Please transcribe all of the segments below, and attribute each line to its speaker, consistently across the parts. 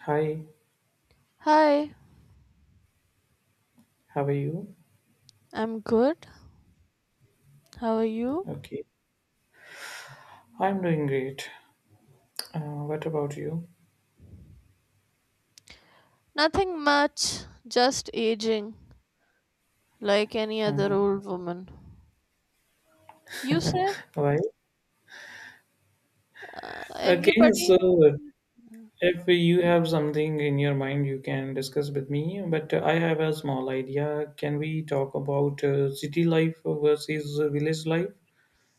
Speaker 1: Hi,
Speaker 2: Hi,
Speaker 1: how are you?
Speaker 2: I'm good. How are you?
Speaker 1: Okay, I'm doing great. What about you?
Speaker 2: Nothing much, just aging, like any other
Speaker 1: uh
Speaker 2: old woman. You say?
Speaker 1: Why? Okay,
Speaker 2: Everybody.
Speaker 1: so if you have something in your mind, you can discuss with me. But I have a small idea. Can we talk about city life versus village life?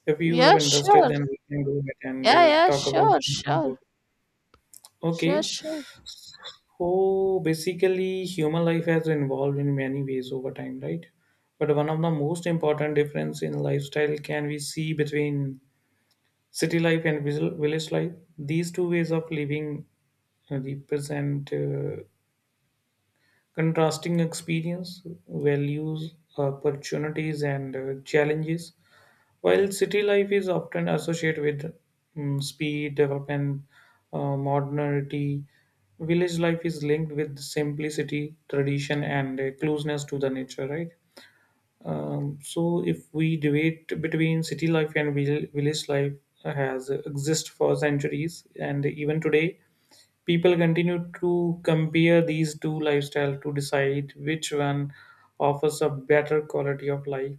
Speaker 1: If you have
Speaker 2: Yeah,
Speaker 1: interested,
Speaker 2: sure.
Speaker 1: then we can go ahead and
Speaker 2: Yeah, yeah,
Speaker 1: talk about
Speaker 2: sure,
Speaker 1: something.
Speaker 2: sure.
Speaker 1: About.
Speaker 2: Yeah,
Speaker 1: Okay.
Speaker 2: sure.
Speaker 1: Oh, basically, human life has evolved in many ways over time, right? But one of the most important difference in lifestyle can we see between city life and village life. These two ways of living represent contrasting experience, values, opportunities, and challenges. While city life is often associated with speed, development, modernity, village life is linked with simplicity, tradition, and closeness to the nature, right? So, if we debate between city life and village life has exist for centuries, and even today, people continue to compare these two lifestyles to decide which one offers a better quality of life.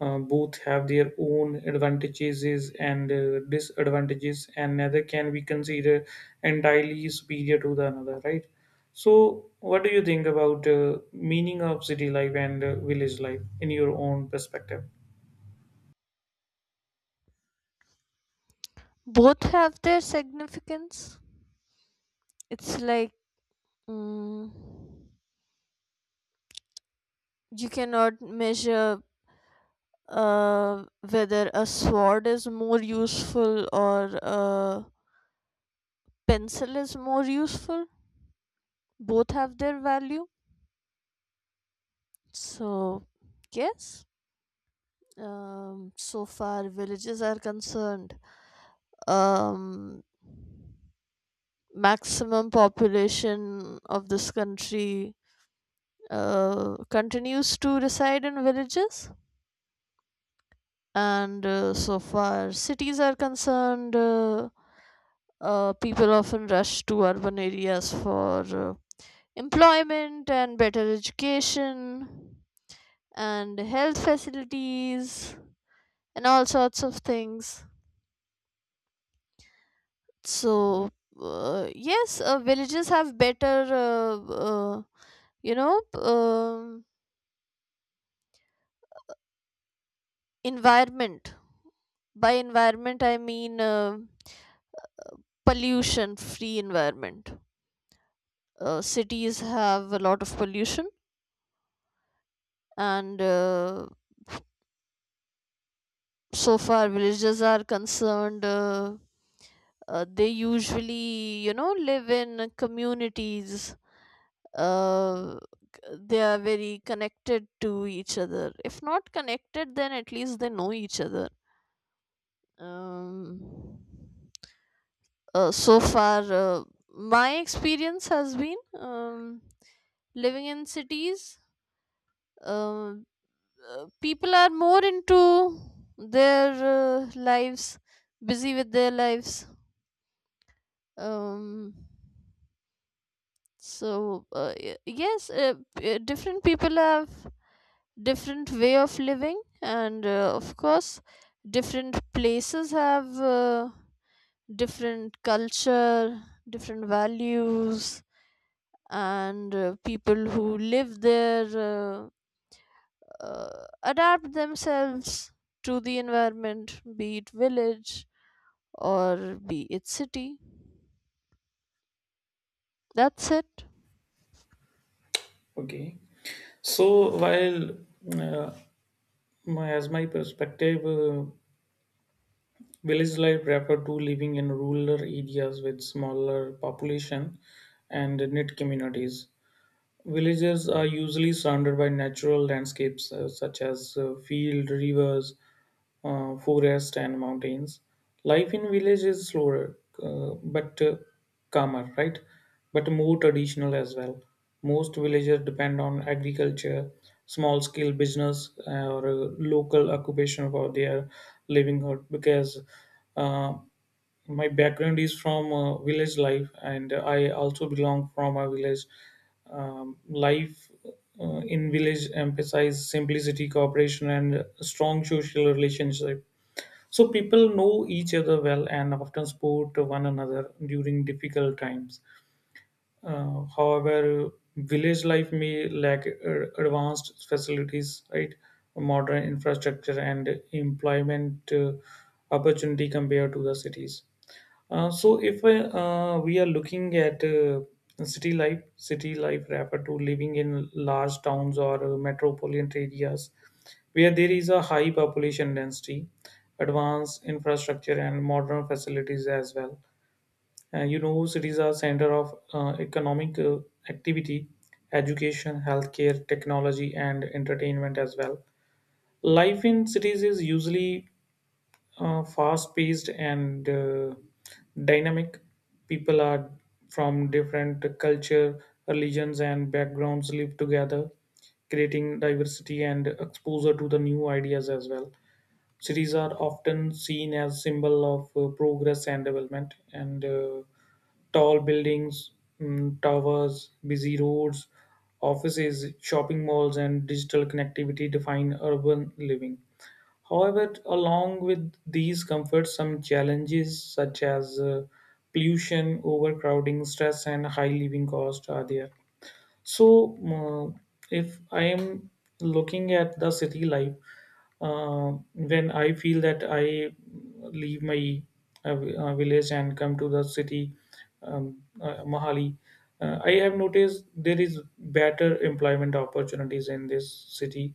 Speaker 1: Both have their own advantages and disadvantages, and neither can be considered entirely superior to the another, right? So, what do you think about meaning of city life and village life in your own perspective?
Speaker 2: Both have their significance. It's like mm, you cannot measure whether a sword is more useful or a pencil is more useful. Both have their value. So, yes, so far villages are concerned, um, maximum population of this country continues to reside in villages, and so far cities are concerned, people often rush to urban areas for employment and better education and health facilities and all sorts of things. So, yes, villages have better, you know, um environment. By environment, I mean pollution free environment. Cities have a lot of pollution, and so far, villages are concerned, they usually, live in communities. uh, they are very connected to each other. If not connected, then at least they know each other. Um, so far, my experience has been living in cities. Um, People are more into their lives, busy with their lives. Um, so yes, different people have different way of living and of course different places have different culture, different values, and people who live there adapt themselves to the environment, be it village or be it city. That's it.
Speaker 1: Okay. So while uh, as my perspective, village life refer to living in rural areas with smaller population and knit communities. Villages are usually surrounded by natural landscapes such as field, rivers, forest, and mountains. Life in village is slower, but calmer, right? But more traditional as well. Most villages depend on agriculture, small scale business, or local occupation for their livelihood, because uh, my background is from village life, and I also belong from a village life. In village emphasizes simplicity, cooperation, and strong social relationship, so people know each other well and often support one another during difficult times. However, village life may lack advanced facilities, right, modern infrastructure, and employment opportunity compared to the cities. So, if we are looking at city life refer to living in large towns or metropolitan areas, where there is a high population density, advanced infrastructure, and modern facilities as well. Universities are center of economic activity, education, healthcare, technology, and entertainment as well. Life in cities is usually fast-paced and dynamic. People are from different culture, religions, and backgrounds live together, creating diversity and exposure to the new ideas as well. Cities are often seen as symbol of progress and development, and tall buildings, towers, busy roads, offices, shopping malls, and digital connectivity define urban living. However, along with these comforts, some challenges such as pollution, overcrowding, stress, and high living cost are there. So, if I am looking at the city life, when I feel that I leave my village and come to the city, Mahali, I have noticed there is better employment opportunities in this city.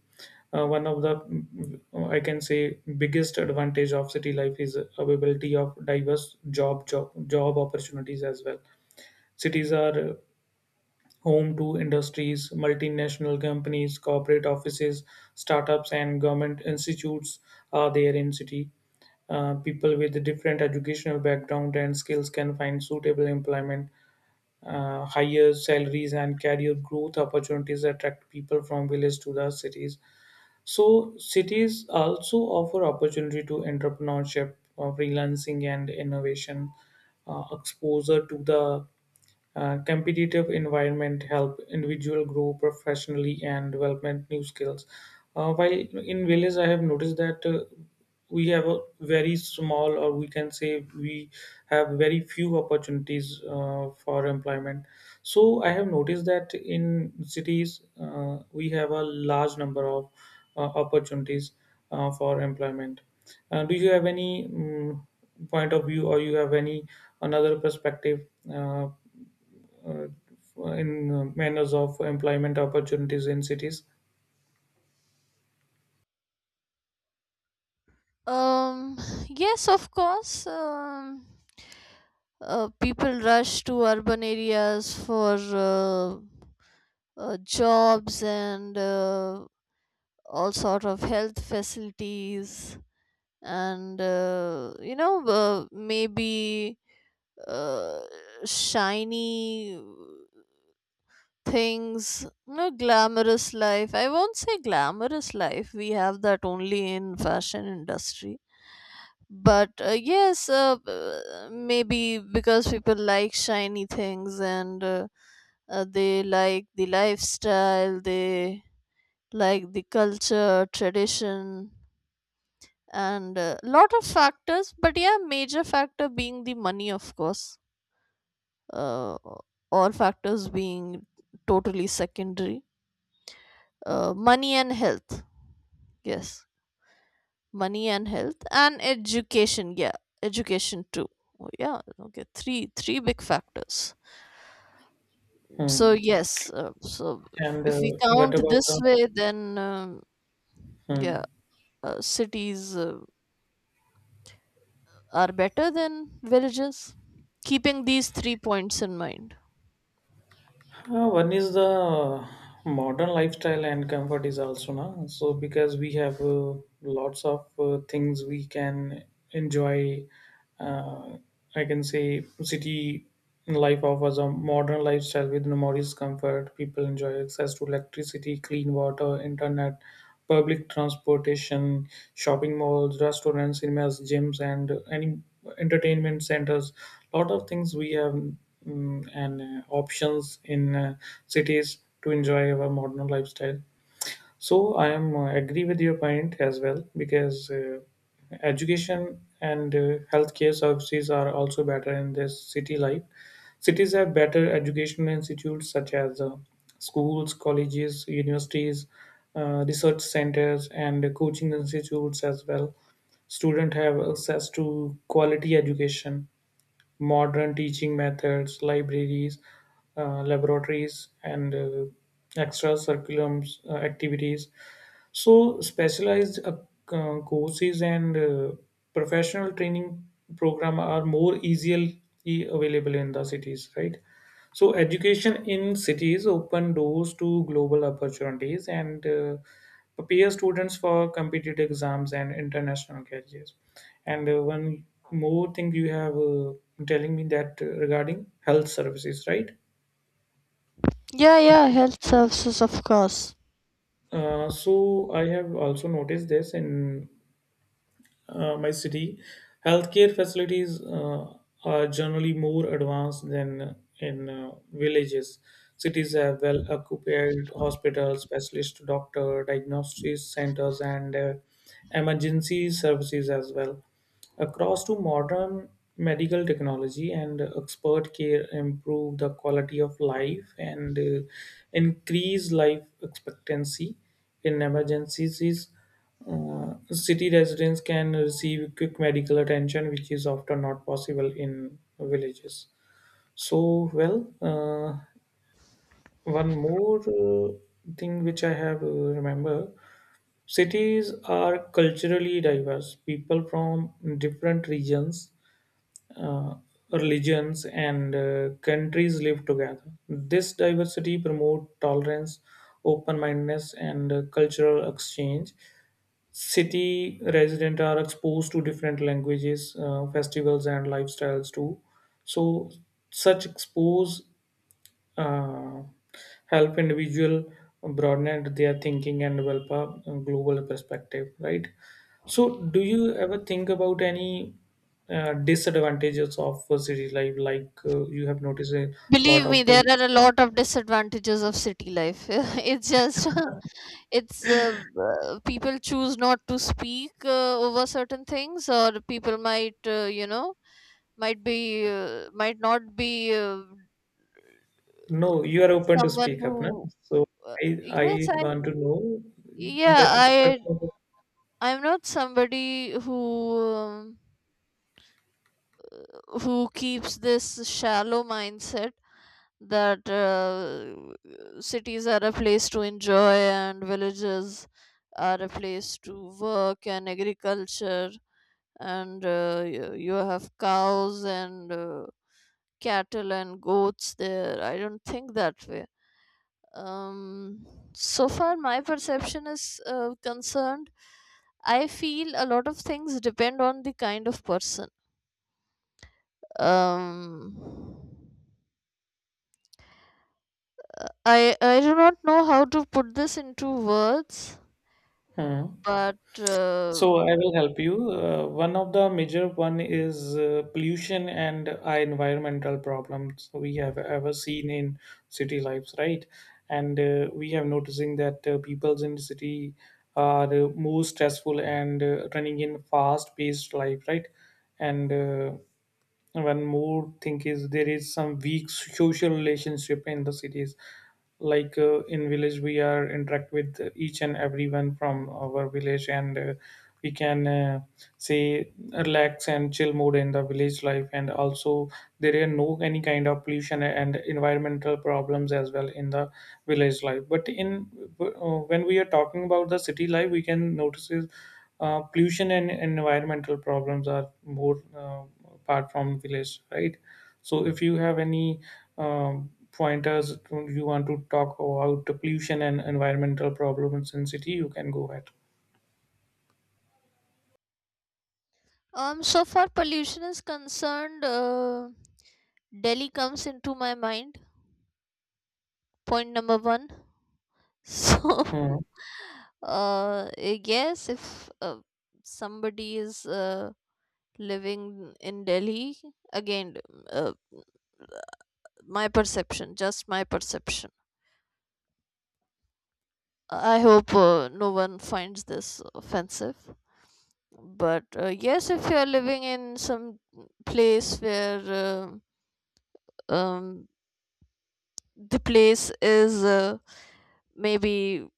Speaker 1: One of the I can say biggest advantage of city life is availability of diverse job opportunities as well. Cities are home to industries, multinational companies, corporate offices, startups, and government institutes are there in city. People with different educational background and skills can find suitable employment. Higher salaries and career growth opportunities attract people from villages to the cities. So cities also offer opportunity to entrepreneurship, freelancing, and innovation. Exposure to the competitive environment help individual grow professionally and development new skills. While in village, I have noticed that we have a very small, or we can say we have very few opportunities for employment. So I have noticed that in cities, we have a large number of opportunities for employment. Do you have any point of view, or you have any another perspective uh, in manners of employment opportunities in cities?
Speaker 2: um yes, of course. People rush to urban areas for jobs and all sort of health facilities and maybe uh, shiny things, you know, glamorous life. I won't say glamorous life, we have that only in fashion industry. But yes, maybe because people like shiny things and they like the lifestyle, they like the culture, tradition, and a lot of factors. But yeah, major factor being the money, of course. Uh, all factors being totally secondary. Money and health. Yes, money and health and education. Yeah, education too. Oh, yeah, okay, three big factors. So
Speaker 1: Hmm.
Speaker 2: yes, so
Speaker 1: And
Speaker 2: if we
Speaker 1: what
Speaker 2: count
Speaker 1: about
Speaker 2: this
Speaker 1: the?
Speaker 2: way, then yeah,
Speaker 1: Hmm.
Speaker 2: cities. Are better than villages. Keeping these three points in mind.
Speaker 1: One is the modern lifestyle and comfort is also now. So because we have lots of things we can enjoy. Uh, I can say city life offers a modern lifestyle with enormous comfort. People enjoy access to electricity, clean water, internet, public transportation, shopping malls, restaurants, cinemas, gyms, and any entertainment centers. Lot of things we have, and options in cities to enjoy our modern lifestyle. So I am agree with your point as well, because education and healthcare services are also better in this city life. Cities have better educational institutes such as schools, colleges, universities, research centers, and coaching institutes as well. Students have access to quality education, modern teaching methods, libraries, laboratories, and extra curriculums activities. So, specialized courses and professional training program are more easily available in the cities, right? So education in cities open doors to global opportunities, and prepare students for competitive exams and international careers. And one more thing you have telling me that regarding health services, right?
Speaker 2: Yeah, yeah, health services, of course.
Speaker 1: So I have also noticed this in my city, healthcare facilities are generally more advanced than in villages. Cities have well occupied hospitals, specialist doctor, diagnosis centers, and emergency services as well. Across to modern medical technology and expert care improve the quality of life and increase life expectancy. In emergencies, city residents can receive quick medical attention, which is often not possible in villages. So, well, one more thing which I have remember, cities are culturally diverse. People from different regions, uh, religions, and countries live together. This diversity promotes tolerance, open mindedness, and cultural exchange. City residents are exposed to different languages, festivals, and lifestyles too. So, such expose uh, help individual broaden their thinking and develop a global perspective, right? So, do you ever think about any disadvantages of city life, like you have noticed a
Speaker 2: Believe
Speaker 1: lot
Speaker 2: me,
Speaker 1: of
Speaker 2: there are a
Speaker 1: pollution?
Speaker 2: lot of disadvantages of city life. It's just, it's people choose not to speak over certain things, or people might, might be might not be
Speaker 1: No, you are open to
Speaker 2: someone
Speaker 1: speak
Speaker 2: who
Speaker 1: up, na. so i i
Speaker 2: yes I
Speaker 1: want to
Speaker 2: can-
Speaker 1: know
Speaker 2: yeah
Speaker 1: that.
Speaker 2: i I'm not somebody um, who keeps this shallow mindset that cities are a place to enjoy and villages are a place to work and agriculture, and you have cows and cattle and goats there. I don't think that way. um so far my perception is concerned, I feel a lot of things depend on the kind of person. um I do not know how to put this into words,
Speaker 1: Hmm.
Speaker 2: but
Speaker 1: So I will help you. One of the major one is pollution and environmental problems we have ever seen in city lives, right? And we have noticing that peoples in the city are more stressful and running in fast-paced life, right? And one more thing is there is some weak social relationship in the cities, like in village we are interact with each and everyone from our village, and we can say relax and chill mode in the village life, and also there are no any kind of pollution and environmental problems as well in the village life. But in when we are talking about the city life, we can notice pollution and environmental problems are more apart from village, right? So if you have any pointers you want to talk about the pollution and environmental problems in city, you can go ahead.
Speaker 2: so far pollution is concerned, Delhi comes into my mind, point number 1. So
Speaker 1: Hmm.
Speaker 2: uh yes, if uh, somebody is living in Delhi. Again, uh, my perception, just my perception. I hope no one finds this offensive. But yes, if you're living in some place where uh, um, the place is maybe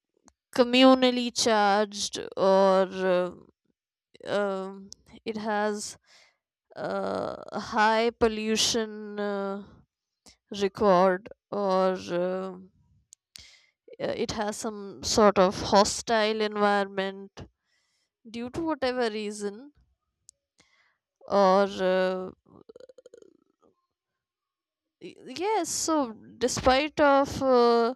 Speaker 2: communally charged, or um, it has a high pollution record, or it has some sort of hostile environment due to whatever reason, or uh, y- yes. So despite of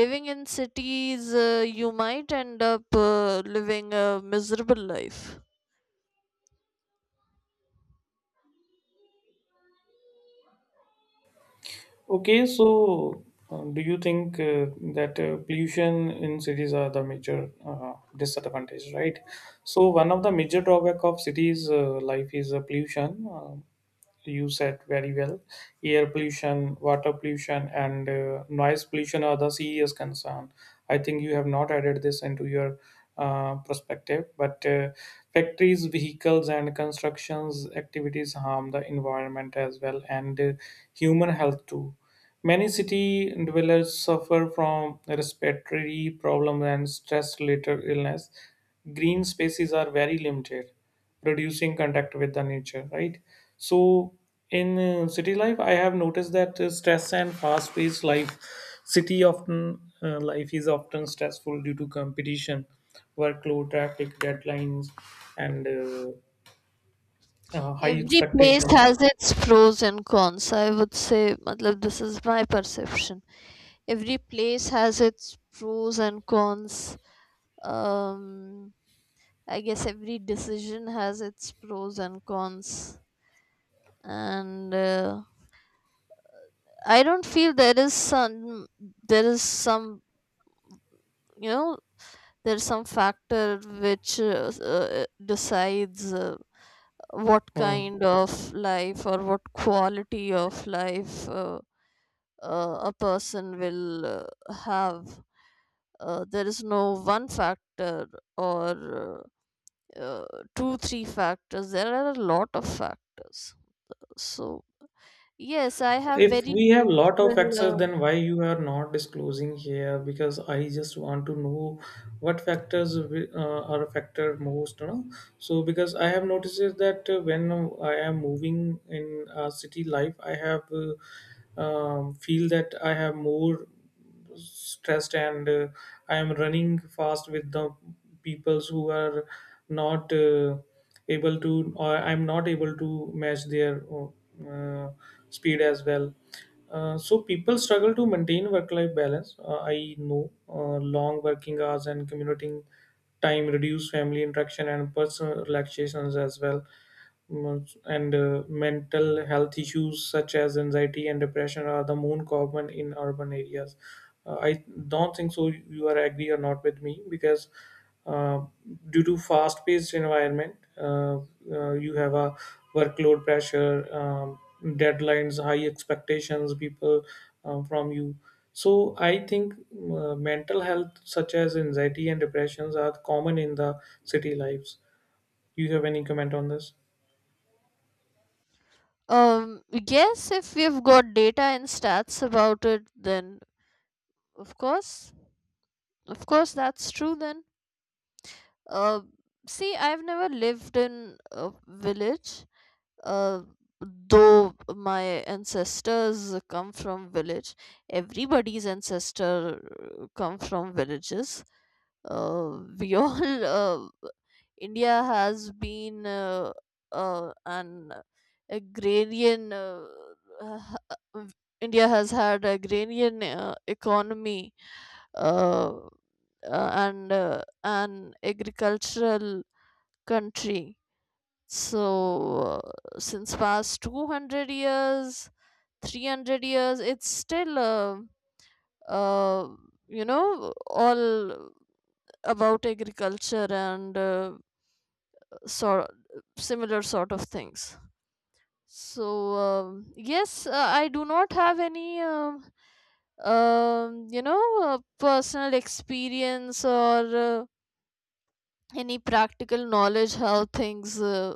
Speaker 2: living in cities, you might end up living a miserable life.
Speaker 1: Okay, so do you think that pollution in cities are the major disadvantage, right? So one of the major drawback of cities life is pollution. You said very well. Air pollution, water pollution, and noise pollution are the serious concern. I think you have not added this into your perspective, but factories, vehicles, and constructions activities harm the environment as well, and human health too. Many city dwellers suffer from respiratory problems and stress-related illness. Green spaces are very limited, reducing contact with the nature, right? So in city life, I have noticed that stress and fast paced life, city often life is often stressful due to competition, workload, traffic, deadlines, and high
Speaker 2: Every place
Speaker 1: expectations.
Speaker 2: has its pros and cons, I would say. Matlab, this is my perception. Every place has its pros and cons. um I guess every decision has its pros and cons, and I don't feel there is some you know there's some factor which decides what
Speaker 1: Hmm.
Speaker 2: kind of life or what quality of life a person will have. There is no one factor, or uh, uh, two three factors. There are a lot of factors. So yes, I have
Speaker 1: If
Speaker 2: very
Speaker 1: we have lot of
Speaker 2: neutral. Uh,
Speaker 1: factors, then why you are not disclosing here? Because I just want to know what factors are affected most. You know? So because I have noticed is that when I am moving in city life, I have feel that I have more stressed, and I am running fast with the peoples who are not able to, or I'm not able to match their uh, speed as well. So people struggle to maintain work-life balance. I know long working hours and commuting time reduce family interaction and personal relaxations as well. And mental health issues such as anxiety and depression are the most common in urban areas. I don't think so. You are agree or not with me, because uh, due to fast-paced environment, you have a workload pressure, deadlines, high expectations, people, from you. So I think mental health such as anxiety and depressions are common in the city lives. Do you have any comment on this?
Speaker 2: yes, if we've got data and stats about it, then of course, of course, that's true. Then, uh, see, I've never lived in a village, uh, though my ancestors come from village. Everybody's ancestor come from villages, we all India has been an agrarian. Uh, India has had agrarian economy, uh, uh, and an agricultural country. So since past 200 years, 300 years, it's still uh, you know all about agriculture and sort similar sort of things. So yes, I do not have any personal experience or any practical knowledge how things uh,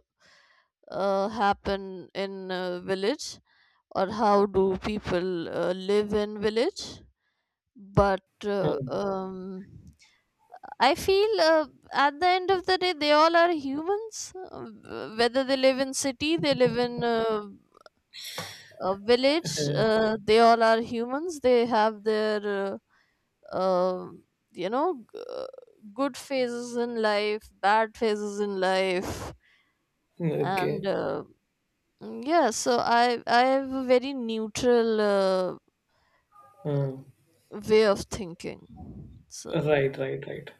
Speaker 2: uh, happen in village, or how do people live in village, but
Speaker 1: Hmm.
Speaker 2: I feel at the end of the day, they all are humans. Whether they live in city, they live in a village, they all are humans. They have their, uh, um you know, g- uh, good phases in life, bad phases in life,
Speaker 1: Okay.
Speaker 2: and yeah. So I have a very neutral
Speaker 1: Hmm.
Speaker 2: way of thinking. So
Speaker 1: Right, right, right.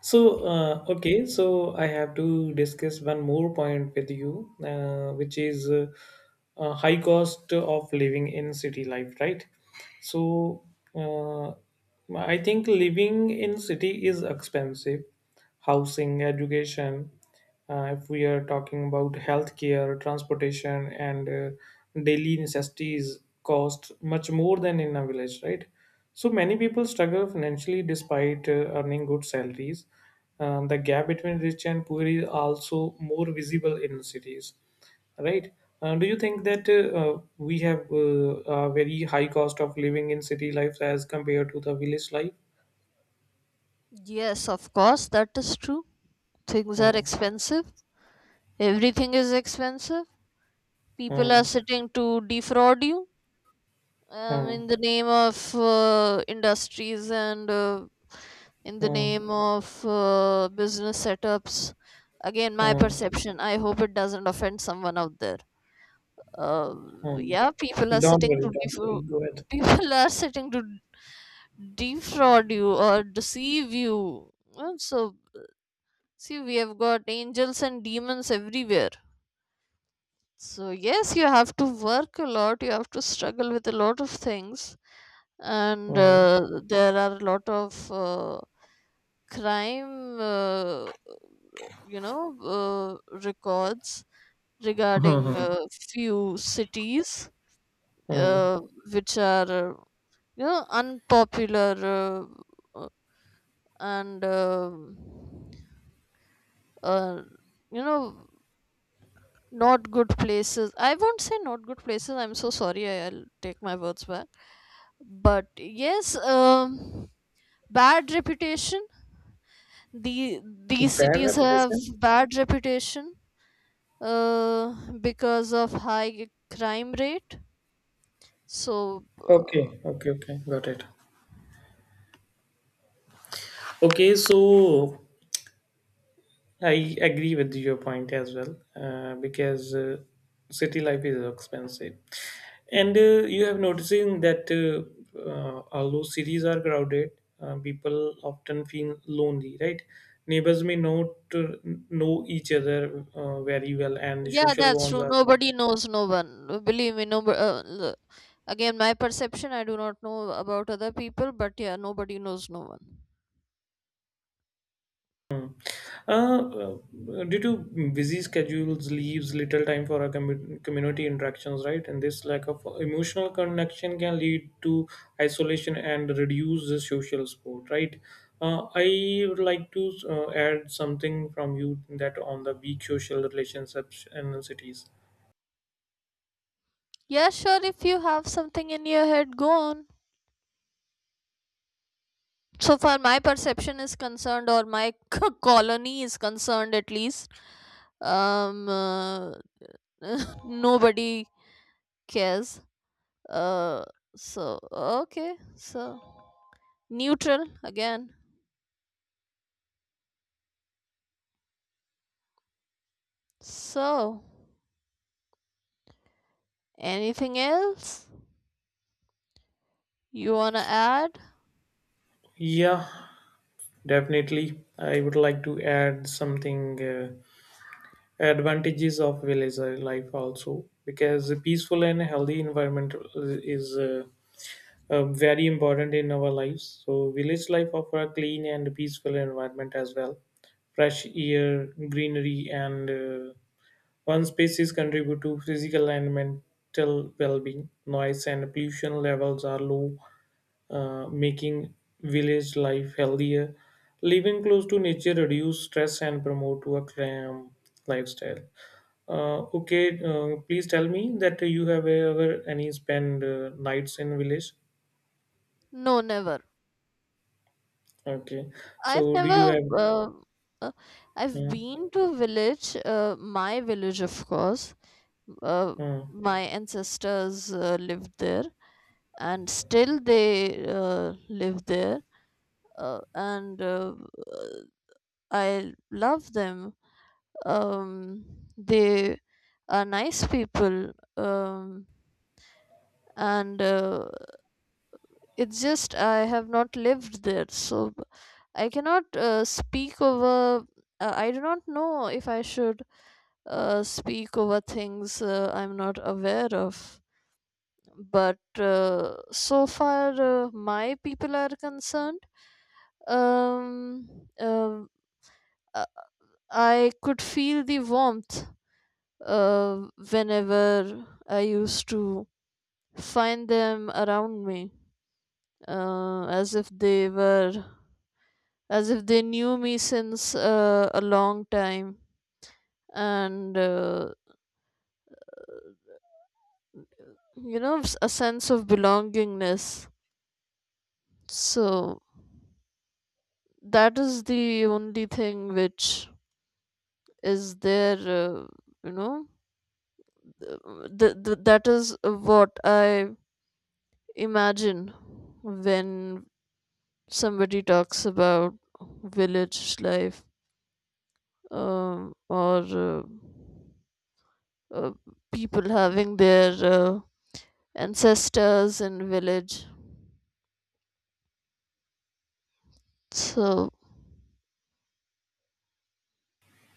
Speaker 1: So, I have to discuss one more point with you, which is high cost of living in city life, right? So, uh, I think living in city is expensive. Housing, education. If we are talking about healthcare, transportation, and daily necessities cost much more than in a village, right? So many people struggle financially despite earning good salaries. The gap between rich and poor is also more visible in cities, right? Do you think that we have a very high cost of living in city life as compared to the village life?
Speaker 2: yes, of course, that is true. Things are
Speaker 1: Hmm,
Speaker 2: expensive. Everything is expensive. People are
Speaker 1: hmm,
Speaker 2: sitting to defraud you
Speaker 1: hmm,
Speaker 2: in the name of industries, and in the
Speaker 1: hmm,
Speaker 2: name of business setups. Again, my
Speaker 1: hmm,
Speaker 2: perception. I hope it doesn't offend someone out there. Uh,
Speaker 1: hmm.
Speaker 2: yeah, people are
Speaker 1: Don't
Speaker 2: sitting
Speaker 1: worry,
Speaker 2: to
Speaker 1: don't worry.
Speaker 2: defraud.
Speaker 1: Go ahead.
Speaker 2: People are sitting to defraud you or deceive you. So see, we have got angels and demons everywhere. So, yes, you have to work a lot, you have to struggle with a lot of things, and
Speaker 1: Hmm.
Speaker 2: there are a lot of crime records regarding
Speaker 1: Hmm.
Speaker 2: few cities
Speaker 1: Hmm.
Speaker 2: uh, which are, unpopular, uh, uh, and, um uh, you know, not good places. I won't say not good places, I'm so sorry. I'll take my words back. But yes, bad reputation. the these
Speaker 1: Bad
Speaker 2: cities have
Speaker 1: reputation?
Speaker 2: bad reputation uh, because of high crime rate. So
Speaker 1: Okay, okay, okay. Got it. Okay, so I agree with your point as well because city life is expensive. And you have noticing that although cities are crowded, people often feel lonely, right? Neighbors may not uh, know each other very well, and
Speaker 2: yeah,
Speaker 1: social
Speaker 2: that's
Speaker 1: bonds
Speaker 2: true,
Speaker 1: are
Speaker 2: nobody knows no one. Believe me, no, again, my perception, I do not know about other people, but yeah, nobody knows no one.
Speaker 1: mm. Uh, Due to busy schedules, leaves little time for our community interactions, right? And this lack of emotional connection can lead to isolation and reduce the social support, right? I would like to add something from you that on the weak social relationships in cities.
Speaker 2: Yeah, sure, if you have something in your head, go on. So far, my perception is concerned, or my colony is concerned, at least. Um, uh, nobody cares. Uh, so okay, so neutral again. So anything else you wanna add?
Speaker 1: Yeah, definitely. I would like to add something advantages of village life also because a peaceful and healthy environment is. Uh, very important in our lives. So, village life offer a clean and peaceful environment as well. Fresh air, greenery, and one spaces contribute to physical and mental well-being. Noise and pollution levels are low, making village life healthier. Living close to nature reduce stress and promote a calm lifestyle. Okay, please tell me that you have ever any spend nights in village.
Speaker 2: No, never.
Speaker 1: Okay.
Speaker 2: I've
Speaker 1: So do you
Speaker 2: never.
Speaker 1: have?
Speaker 2: Uh, I've
Speaker 1: Uh,
Speaker 2: been to village. My village, of course. Uh,
Speaker 1: uh,
Speaker 2: my ancestors lived there, and still they live there, and I love them. um, they are nice people, um, and it's just I have not lived there, so I cannot speak over. I do not know if I should speak over things I'm not aware of, but so far my people are concerned, um, um, uh, I could feel the warmth whenever I used to find them around me, as if they were, as if they knew me since a long time, and you know, a sense of belongingness. So that is the only thing which is there, you know, that is what I imagine when somebody talks about village life, or uh, people having their ancestors in village. So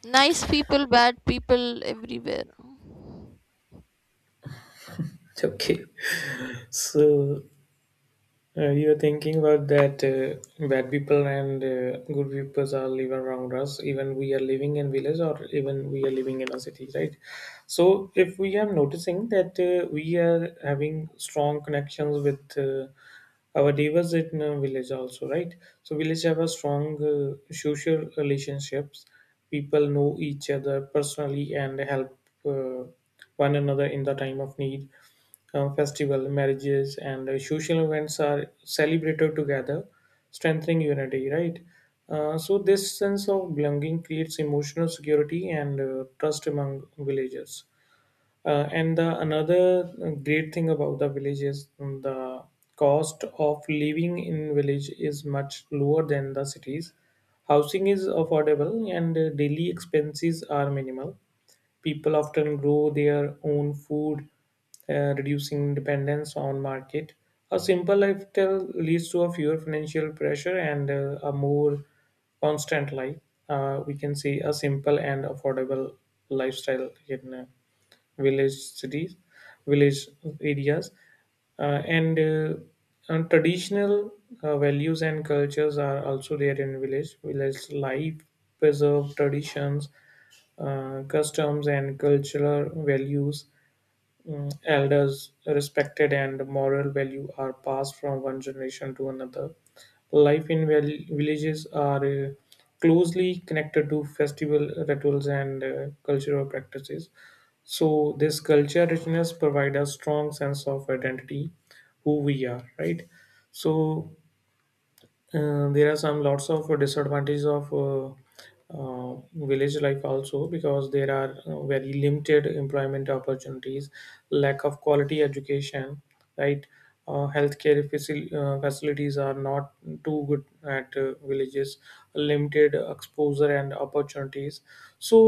Speaker 2: nice people, bad people everywhere.
Speaker 1: okay. So you're thinking about that bad people and good people are living around us. Even we are living in village or even we are living in a city, right? So if we are noticing that we are having strong connections with our neighbors in village also, right? So village have a strong social relationships. People know each other personally and help uh, one another in the time of need, festival, marriages, and social events are celebrated together, strengthening unity, right? So, this sense of belonging creates emotional security and trust among villagers. And the another great thing about the village is mm, the cost of living in village is much lower than the cities. Housing is affordable and daily expenses are minimal. People often grow their own food, reducing dependence on market. A simple lifestyle leads to a fewer financial pressure and a more constant life. We can say a simple and affordable lifestyle in. Village cities, village areas, uh, and uh, and traditional values and cultures are also there in village. Village life preserve traditions, customs, and cultural values. Mm, elders respected and moral value are passed from one generation to another. Life in villages are closely connected to festival rituals and cultural practices. So this culture richness provides a strong sense of identity, who we are, right? So there are some lots of disadvantages of village life also because there are very limited employment opportunities, lack of quality education, right? Healthcare facilities are not too good at villages, limited exposure and opportunities. So,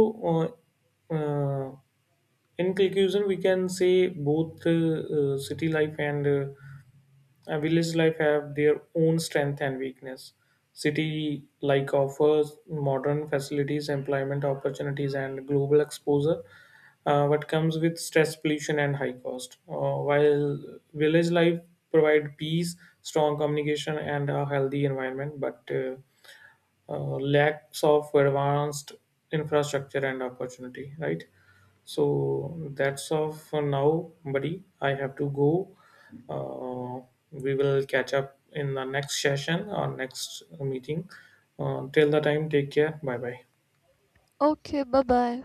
Speaker 1: uh, uh, in conclusion, we can say both city life and a village life have their own strength and weakness. City like offers modern facilities, employment opportunities, and global exposure, but comes with stress, pollution, and high cost. While village life provide peace, strong communication, and a healthy environment, but lacks of advanced infrastructure and opportunity. Right? So that's all for now, buddy. I have to go. Uh, we will catch up in the next session or next meeting. Till the time, take care. Bye bye.
Speaker 2: Okay, bye bye.